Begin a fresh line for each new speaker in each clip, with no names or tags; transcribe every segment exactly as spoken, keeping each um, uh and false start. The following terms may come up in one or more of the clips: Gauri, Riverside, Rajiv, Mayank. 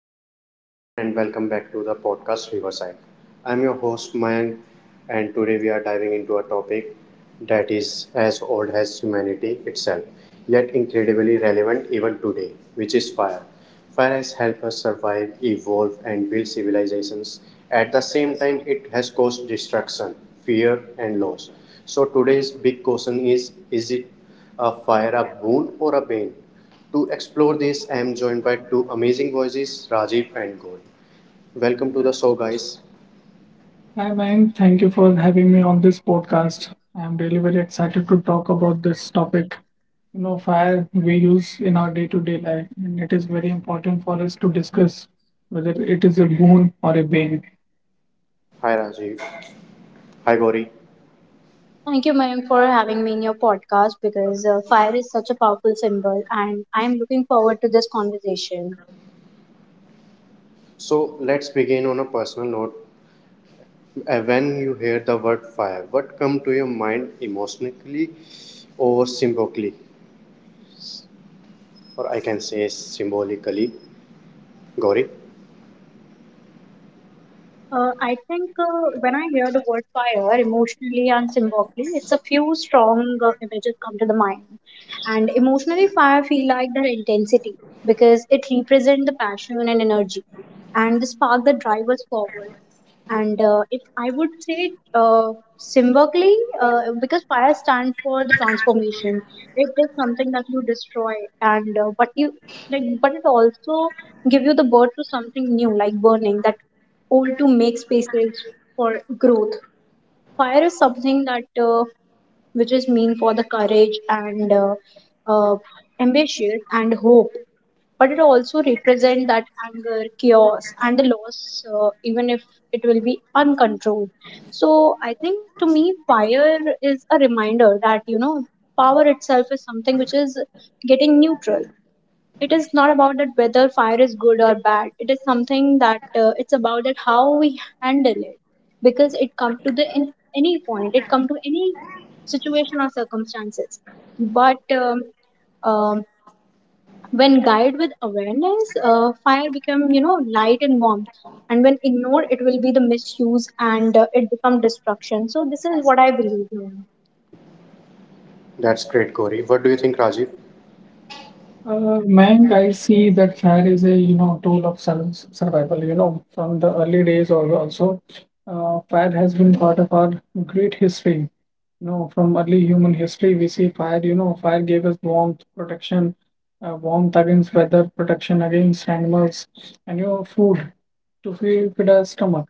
Hello, everyone, and welcome back to the podcast Riverside. I'm your host Mayank, and today we are diving into a topic that is as old as humanity itself, yet incredibly relevant even today, which is fire. Fire has helped us survive, evolve, and build civilizations. At the same time, it has caused destruction, fear, and loss. So, today's big question is is it a fire a boon or a bane? To explore this, I am joined by two amazing voices, Rajiv and Gauri. Welcome to the show, guys.
Hi, man. Thank you for having me on this podcast. I'm really very excited to talk about this topic. You know, fire we use in our day-to-day life, and it is very important for us to discuss whether it is a boon or a bane.
Hi, Rajiv. Hi, Gauri.
Thank you, Mayank, for having me in your podcast because uh, fire is such a powerful symbol, and I'm looking forward to this conversation.
So let's begin on a personal note. Uh, When you hear the word fire, what comes to your mind emotionally or symbolically? Or I can say symbolically. Gauri.
Uh, I think uh, when I hear the word fire, emotionally and symbolically, it's a few strong uh, images come to the mind. And emotionally, fire feel like their intensity because it represents the passion and energy and the spark that drives us forward. And uh, if I would say it uh, symbolically, uh, because fire stands for the transformation. It is something that you destroy, and uh, but you like, but it also give you the birth to something new, like burning that old to make spaces for growth. Fire is something that uh, which is mean for the courage and uh, uh, ambition and hope, but it also represent that anger chaos and the loss, uh, even if it will be uncontrolled. So I think to me fire is a reminder that, you know, power itself is something which is getting neutral. It is not about that whether fire is good or bad. It is something that uh, it's about that how we handle it, because it come to the in any point it come to any situation or circumstances. But um, um, when guided with awareness, uh, fire become, you know, light and warm, and when ignored it will be the misuse and uh, it become destruction. So this is what I believe in.
That's great, Gauri. What do you think, Rajiv?
Uh, Mayank, I see that fire is a you know tool of sur survival. You know, from the early days or also, uh, fire has been part of our great history. You know, from early human history, we see fire. You know, fire gave us warmth, protection, uh, warmth against weather, protection against animals, and you know, food to feed, feed our stomach.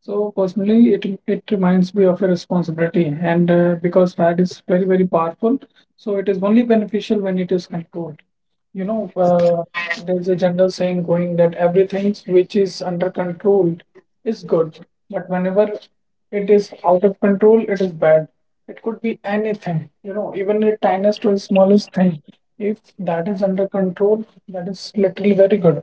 So personally, it it reminds me of a responsibility, and uh, because fat is very very powerful, so it is only beneficial when it is controlled. You know, uh, there's a general saying going that everything which is under control is good, but whenever it is out of control, it is bad. It could be anything, you know, even the tiniest or smallest thing. If that is under control, that is literally very good.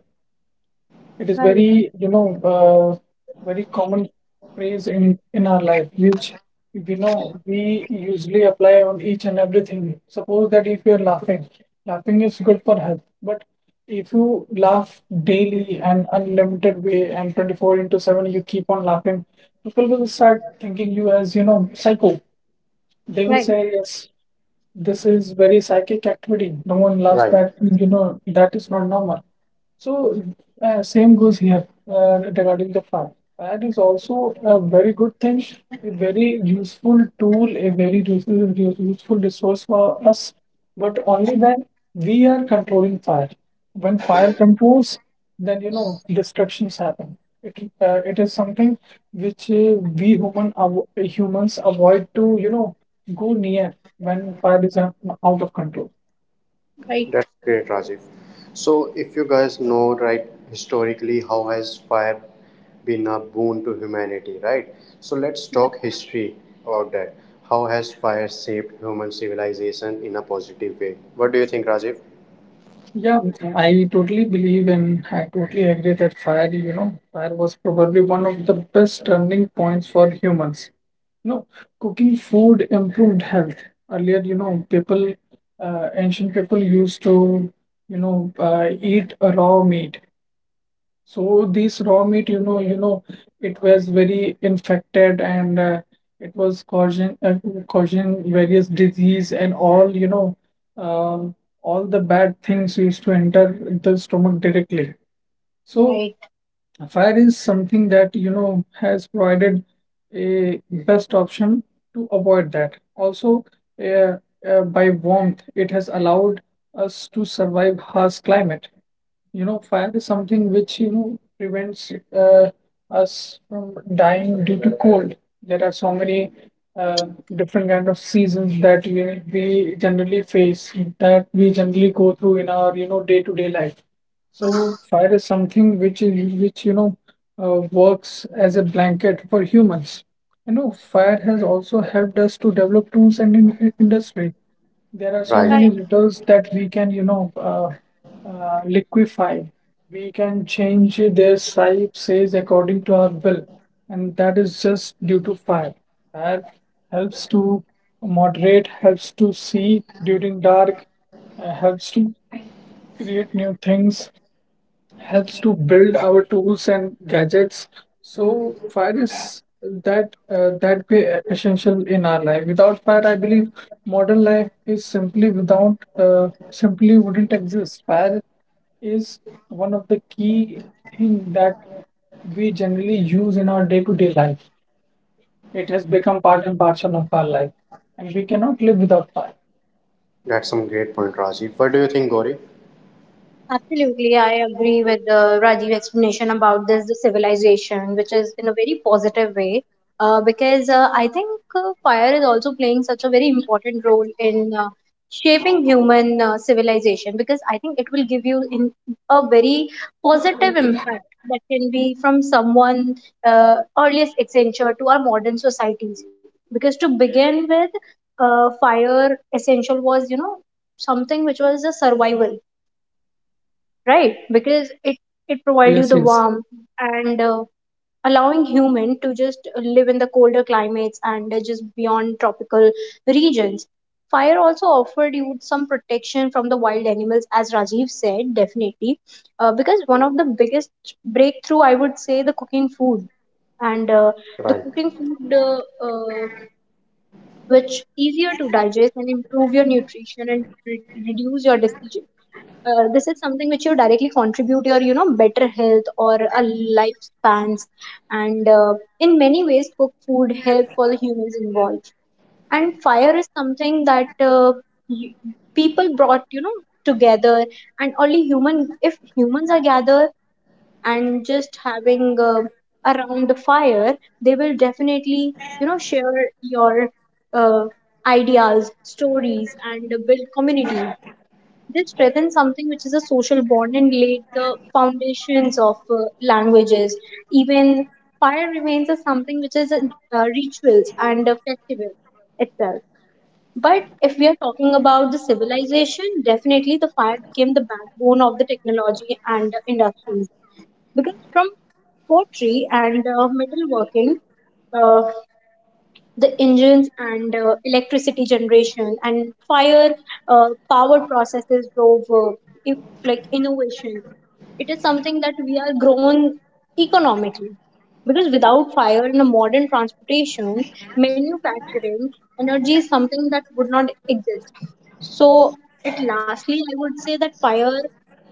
It is
right
very, you know, uh, very common phrase in in our life, which we know we usually apply on each and everything. Suppose that if you're laughing, laughing is good for health, but if you laugh daily and unlimited way and twenty-four into seven you keep on laughing, people will start thinking you as, you know, psycho. They will
right
say, yes, this is very psychic activity. No one loves
Right.
that. You know, that is not normal. So, uh, same goes here uh, regarding the fire. Fire is also a very good thing, a very useful tool, a very useful, useful resource for us, but only when we are controlling fire when fire controls, then you know destructions happen. It uh, it is something which uh, we human avo humans avoid to you know go near when fire is out out of control.
right
That's great, Rajiv. So, if you guys know, right, historically, how has fire been a boon to humanity, right? So, let's talk history about that. How has fire shaped human civilization in a positive way? What do you think, Rajiv?
Yeah, I totally believe and I totally agree that fire, you know, fire was probably one of the best turning points for humans. You know, cooking food improved health. Earlier, you know, people, uh, ancient people used to, you know, uh, eat a raw meat. So this raw meat, you know, you know, it was very infected and uh, it was causing uh, causing various disease and all, you know, uh, all the bad things used to enter the stomach directly. So
right
fire is something that you know has provided a best option to avoid that. Also, uh, uh, by warmth, it has allowed us to survive harsh climate. You know, fire is something which you know prevents uh, us from dying due to cold. There are so many uh, different kind of seasons that we, we generally face that we generally go through in our you know day-to-day life, so fire is something which which you know uh, works as a blanket for humans. You know, fire has also helped us to develop tools and in in- industry. There are so
Right.
many
right.
metals that we can you know uh, uh, liquefy. We can change their size size according to our will, and that is just due to fire. Fire helps to moderate, helps to see during dark, uh, helps to create new things, helps to build our tools and gadgets. So fire is that uh, that be essential in our life. Without fire, I believe modern life is simply without uh, simply wouldn't exist. Fire is one of the key thing that we generally use in our day-to-day life. It has become part and parcel of our life, and we cannot live without fire.
That's some great point, Rajiv. What do you think, Gauri?
Absolutely, I agree with the Rajiv explanation about this the civilization, which is in a very positive way. Uh, because uh, I think uh, fire is also playing such a very important role in uh, shaping human uh, civilization. Because I think it will give you in a very positive impact that can be from someone uh, earliest Accenture to our modern societies. Because to begin with, uh, fire essential was, you know, something which was a survival, right? Because it it provide you
Yes,
the
yes.
warmth and uh, allowing human to just live in the colder climates and uh, just beyond tropical regions. Fire also offered you some protection from the wild animals, as Rajiv said, definitely. Uh, because one of the biggest breakthrough I would say the cooking food and uh, the
Right.
cooking food uh, uh, which easier to digest and improve your nutrition and re- reduce your disease, uh, this is something which you directly contribute your, you know, better health or a lifespans. And uh, in many ways cook food help for the humans involved. And fire is something that uh, y- people brought, you know, together, and only human if humans are gathered and just having uh, around the fire, they will definitely, you know, share your uh, ideas stories and build community. They strengthen something which is a social bond and laid the foundations of uh, languages. Even fire remains as something which is uh, rituals and a festival itself. But if we are talking about the civilization, definitely the fire became the backbone of the technology and uh, industries, because from pottery and uh, metalworking. Uh, the engines and uh, electricity generation and fire uh, power processes drove uh, if, like innovation. It is something that we are grown economically, because without fire in a modern transportation, manufacturing, energy is something that would not exist. So, at lastly, I would say that fire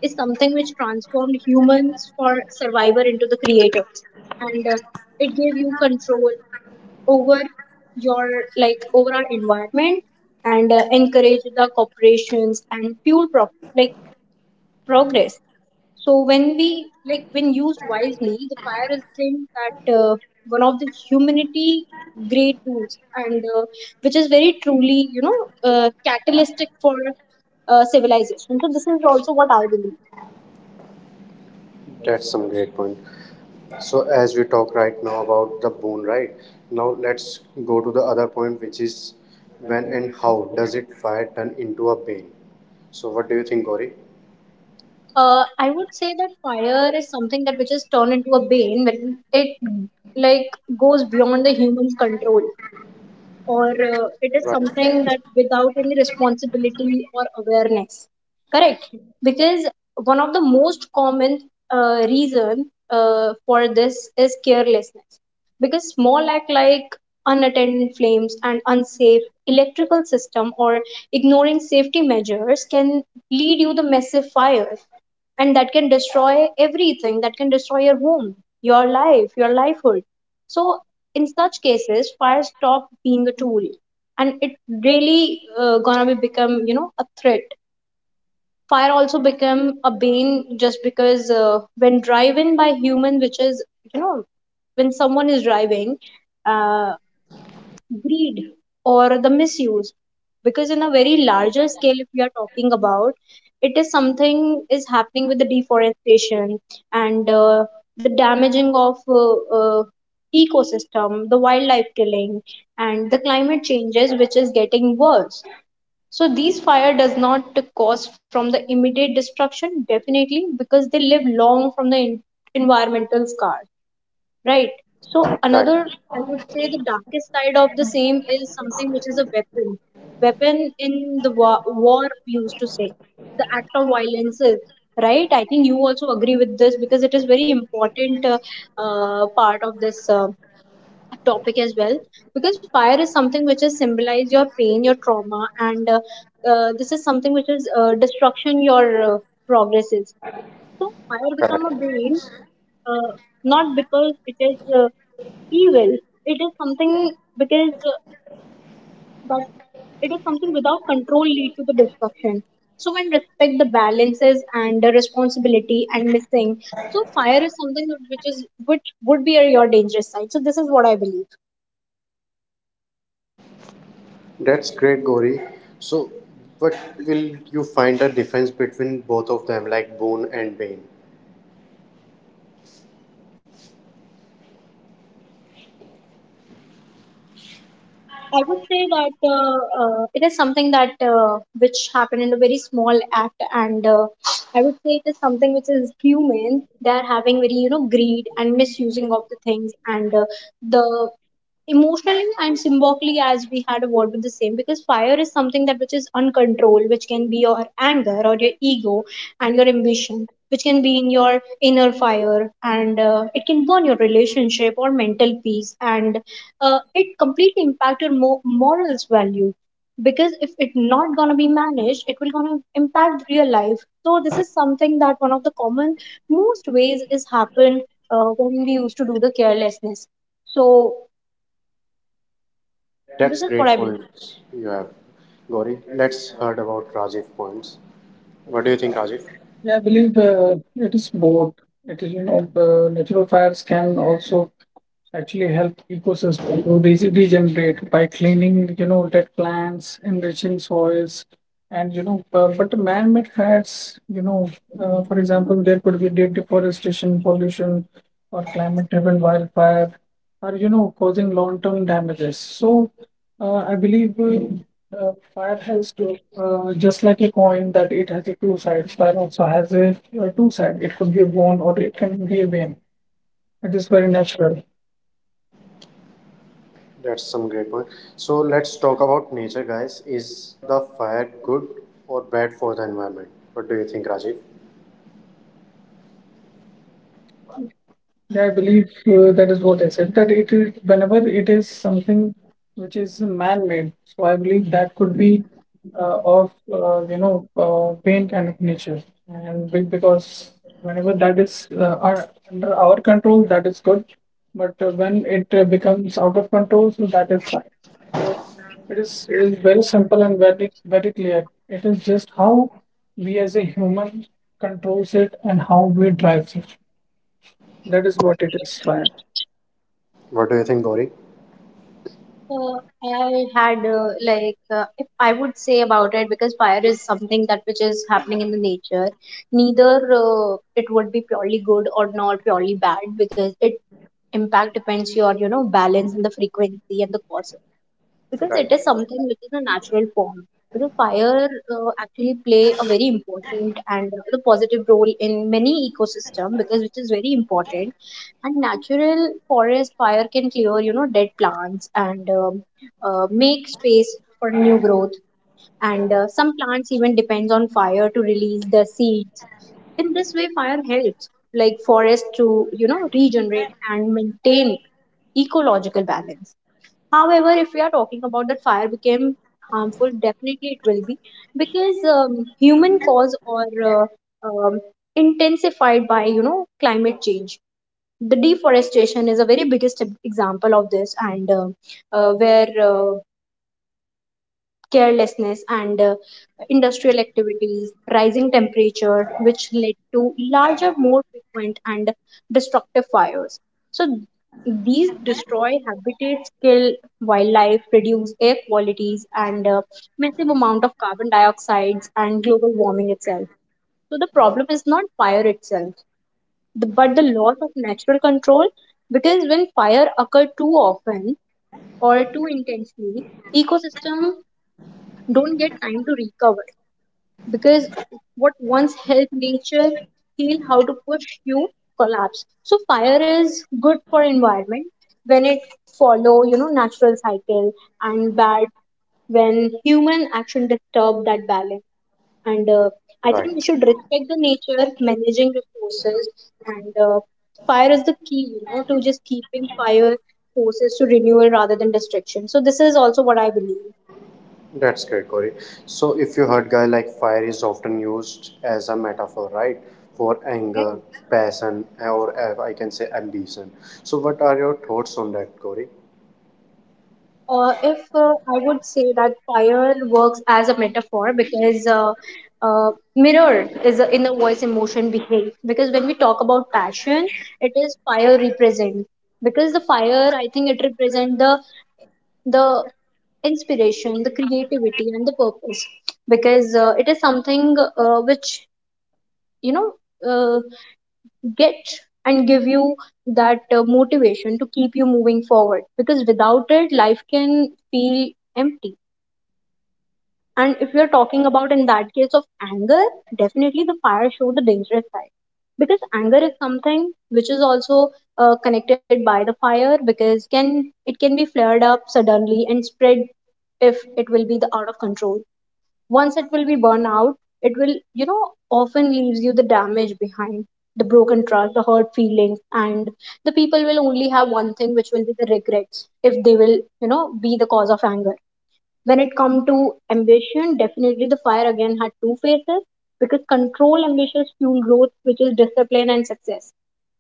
is something which transformed humans for survivor into the creators, and uh, it gave you control, over your like over our environment and uh, encourage the corporations and fuel pro- like progress. So when we like when used wisely the fire is think that uh, one of the humanity great tools and uh, which is very truly, you know, uh, catalytic for uh, civilization. So this is also what I believe.
That's some great point. So as we talk right now about the bone, right? Now let's go to the other point, which is when and how does it fire turn into a bane? So what do you think, Gauri?
uh, I would say that fire is something that which is turned into a bane when it like goes beyond the human's control or uh, it is
Right,
something that without any responsibility or awareness. Correct. Because one of the most common uh, reason uh, for this is carelessness, because small act like unattended flames and unsafe electrical system or ignoring safety measures can lead you the massive fire, and that can destroy everything that can destroy your home, your life, your livelihood. So in such cases fire stop being a tool and it really uh, gonna be become, you know, a threat. Fire also become a bane just because uh, when driven by human which is, you know, when someone is driving uh, greed or the misuse, because in a very larger scale if we are talking about, it is something is happening with the deforestation and uh, the damaging of uh, uh, ecosystem, the wildlife killing and the climate changes which is getting worse. So these fire does not cause from the immediate destruction, definitely, because they live long from the en- environmental scar, right? So another,
right,
I would say the darkest side of the same is something which is a weapon. Weapon in the war, war we used to say, the act of violence is, right? I think you also agree with this because it is very important uh, uh, part of this uh, topic as well. Because fire is something which is symbolize your pain, your trauma, and uh, uh, this is something which is uh, destruction your uh, progress is. So fire become a
correct.
bane uh, not because it is uh, evil. It is something because uh, but it is something without control lead to the destruction. So when respect the balances and the responsibility and missing, so fire is something which is which would be a, your dangerous side. So this is what I believe.
That's great, Gauri. So what will you find a difference between both of them, like bone and bane?
I would say that uh, uh, it is something that uh, which happened in a very small act and uh, I would say it is something which is human. They're having very, you know, greed and misusing of the things and uh, the emotionally and symbolically as we had a word with the same, because fire is something that which is uncontrolled which can be your anger or your ego and your ambition which can be in your inner fire, and uh, it can burn your relationship or mental peace, and uh, it completely impact your mo- morals value, because if it's not gonna be managed it will gonna impact real life. So this is something that one of the common most ways is happened uh, when we used to do the carelessness. So this
That's
is what
great
I believe.
points you have, Gauri. Let's heard about Rajiv points. What do you think, Rajiv?
Yeah, I believe uh, it is both. It is, you know, uh, natural fires can also actually help ecosystem to re- regenerate by cleaning you know dead plants, enriching soils, and you know bu- but the man-made threats, you know, uh, for example, there could be de- deforestation, pollution, or climate driven wildfire are you know causing long-term damages. So uh, I believe uh, uh, fire has to, uh, just like a coin that it has a two sides, fire also has a uh, two side. It could be a bone or it can be a vein. It is very natural.
That's some great point. So let's talk about nature, guys. Is the fire good or bad for the environment? What do you think, Rajiv?
Yeah, I believe uh, that is what I said. That it is whenever it is something which is man-made, so I believe that could be uh, of uh, you know uh, pain kind of nature, and be- because whenever that is uh, our, under our control, that is good. But uh, when it uh, becomes out of control, so that is bad. So it is, it is very simple and very very clear. It is just how we as a human controls it and how we drives it. That is what it is, fire.
What do you think, Gauri?
So I had uh, like uh, if I would say about it because fire is something that which is happening in the nature. Neither uh, it would be purely good or not purely bad, because it impact depends your, you know, balance and the frequency and the cost, because it is
Right.
something which is a natural form. Because fire uh, actually play a very important and a positive role in many ecosystem because which is very important. And natural forest fire can clear, you know, dead plants and um, uh, make space for new growth. And uh, some plants even depends on fire to release their seeds. In this way, fire helps like forest to, you know, regenerate and maintain ecological balance. However, if we are talking about that fire became harmful, definitely it will be because um, human cause or uh, um, intensified by, you know, climate change. The deforestation is a very biggest example of this, and uh, uh, where uh, carelessness and uh, industrial activities, rising temperature, which led to larger, more frequent and destructive fires. So these destroy habitats, kill wildlife, reduce air qualities, and uh, massive amount of carbon dioxides and global warming itself. So the problem is not fire itself, the- but the loss of natural control, because when fire occur too often or too intensely, ecosystem don't get time to recover, because what once helped nature heal how to push you collapse. So fire is good for environment when it follow, you know, natural cycle, and bad when human action disturb that balance. And uh, I think we
Right.
should respect the nature managing resources, and uh, fire is the key, you know, to just keeping fire forces to renewal rather than destruction. So this is also what I believe.
That's great, Gauri. So if you heard, guy, like fire is often used as a metaphor, right? For anger,
Right.
passion, or uh, I can say ambition. So what are your thoughts on that, Gauri?
Uh, if uh, I would say that fire works as a metaphor because uh, uh, mirror is a inner voice emotion behave, because when we talk about passion, it is fire represent, because the fire I think it represent the the inspiration, the creativity and the purpose, because uh, it is something uh, which, you know, uh, get and give you that uh, motivation to keep you moving forward, because without it life can feel empty. And if we are talking about in that case of anger, definitely the fire show the dangerous side, because anger is something which is also uh, connected by the fire, because can it can be flared up suddenly and spread if it will be the out of control. Once it will be burned out, it will, you know, often leaves you the damage behind, the broken trust, the hurt feelings, and the people will only have one thing which will be the regrets if they will, you know, be the cause of anger. When it comes to ambition, definitely the fire again had two faces, because control ambitious fuel growth, which is discipline and success.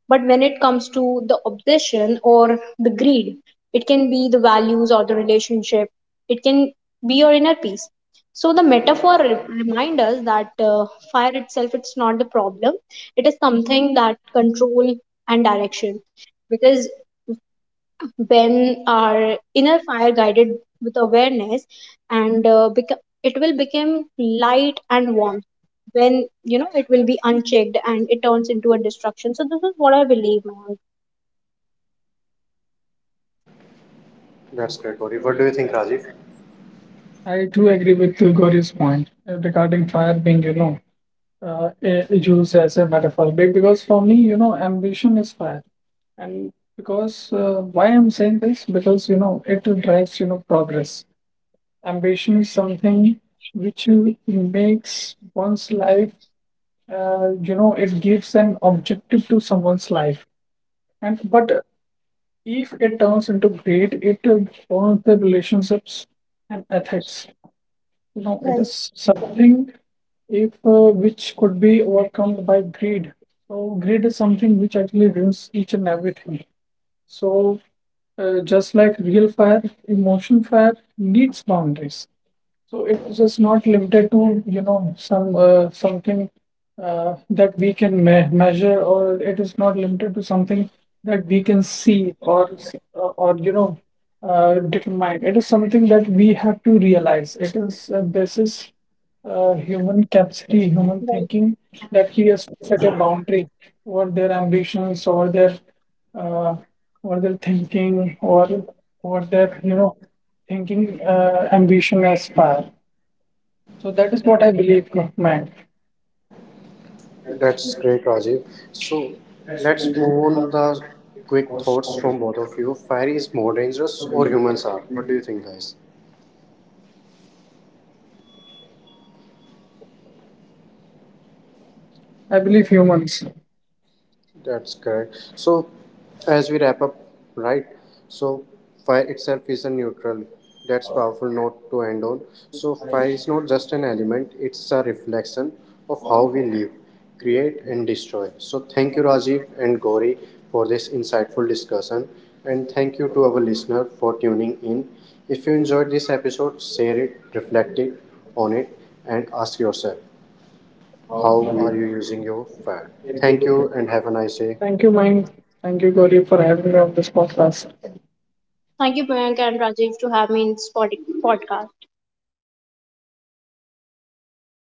But when it comes to the obsession or the greed, it can be the values or the relationship. It can be your inner peace. So the metaphor re- reminds us that uh, fire itself, it's not the problem. It is something that control and direction, because when our inner fire guided with awareness and uh, beco- it will become light and warmth when, you know, it will be unchecked and it turns into a destruction. So this is what I believe, Mayank.
That's great, Gauri. What do you think, Rajiv?
I do agree with uh, Gauri's point uh, regarding fire being, you know, uh, eh, used as a metaphor. Be- Because for me, you know, ambition is fire. And because uh, why I'm saying this? Because, you know, it drives, you know, progress. Ambition is something which uh, makes one's life, uh, you know, it gives an objective to someone's life. And but uh, if it turns into greed, it uh, turns the relationships and ethics. You know,
right
it is something if uh, which could be overcome by greed. So greed is something which actually ruins each and everything. So uh, just like real fire, emotion fire needs boundaries. So it's just not limited to, you know, some uh, something uh, that we can me measure, or it is not limited to something that we can see or s- or or, you know uh, determine. It is something that we have to realize. It is uh, This
right.
is uh, human capacity, human thinking, that he has to set a boundary over their ambitions, over their uh, what they're thinking or what their you know thinking uh, ambition aspire. So that is what I believe, man.
That's great, Rajiv. So let's move on the quick thoughts from both of you. Fire is more dangerous or humans are? What do you think, guys?
I believe humans.
That's correct. So, as we wrap up, right? So, fire itself is a neutral. That's powerful note to end on. So, fire is not just an element; it's a reflection of how we live, create, and destroy. So, thank you, Rajiv and Gauri, for this insightful discussion, and thank you to our listener for tuning in. If you enjoyed this episode, share it, reflect it on it, and ask yourself, how are you using your fire? Thank you, and have a nice day.
Thank you, man. Thank you, Gauri, for having me on this podcast.
Thank you, Mayank and Rajiv, to have me in this pod- podcast.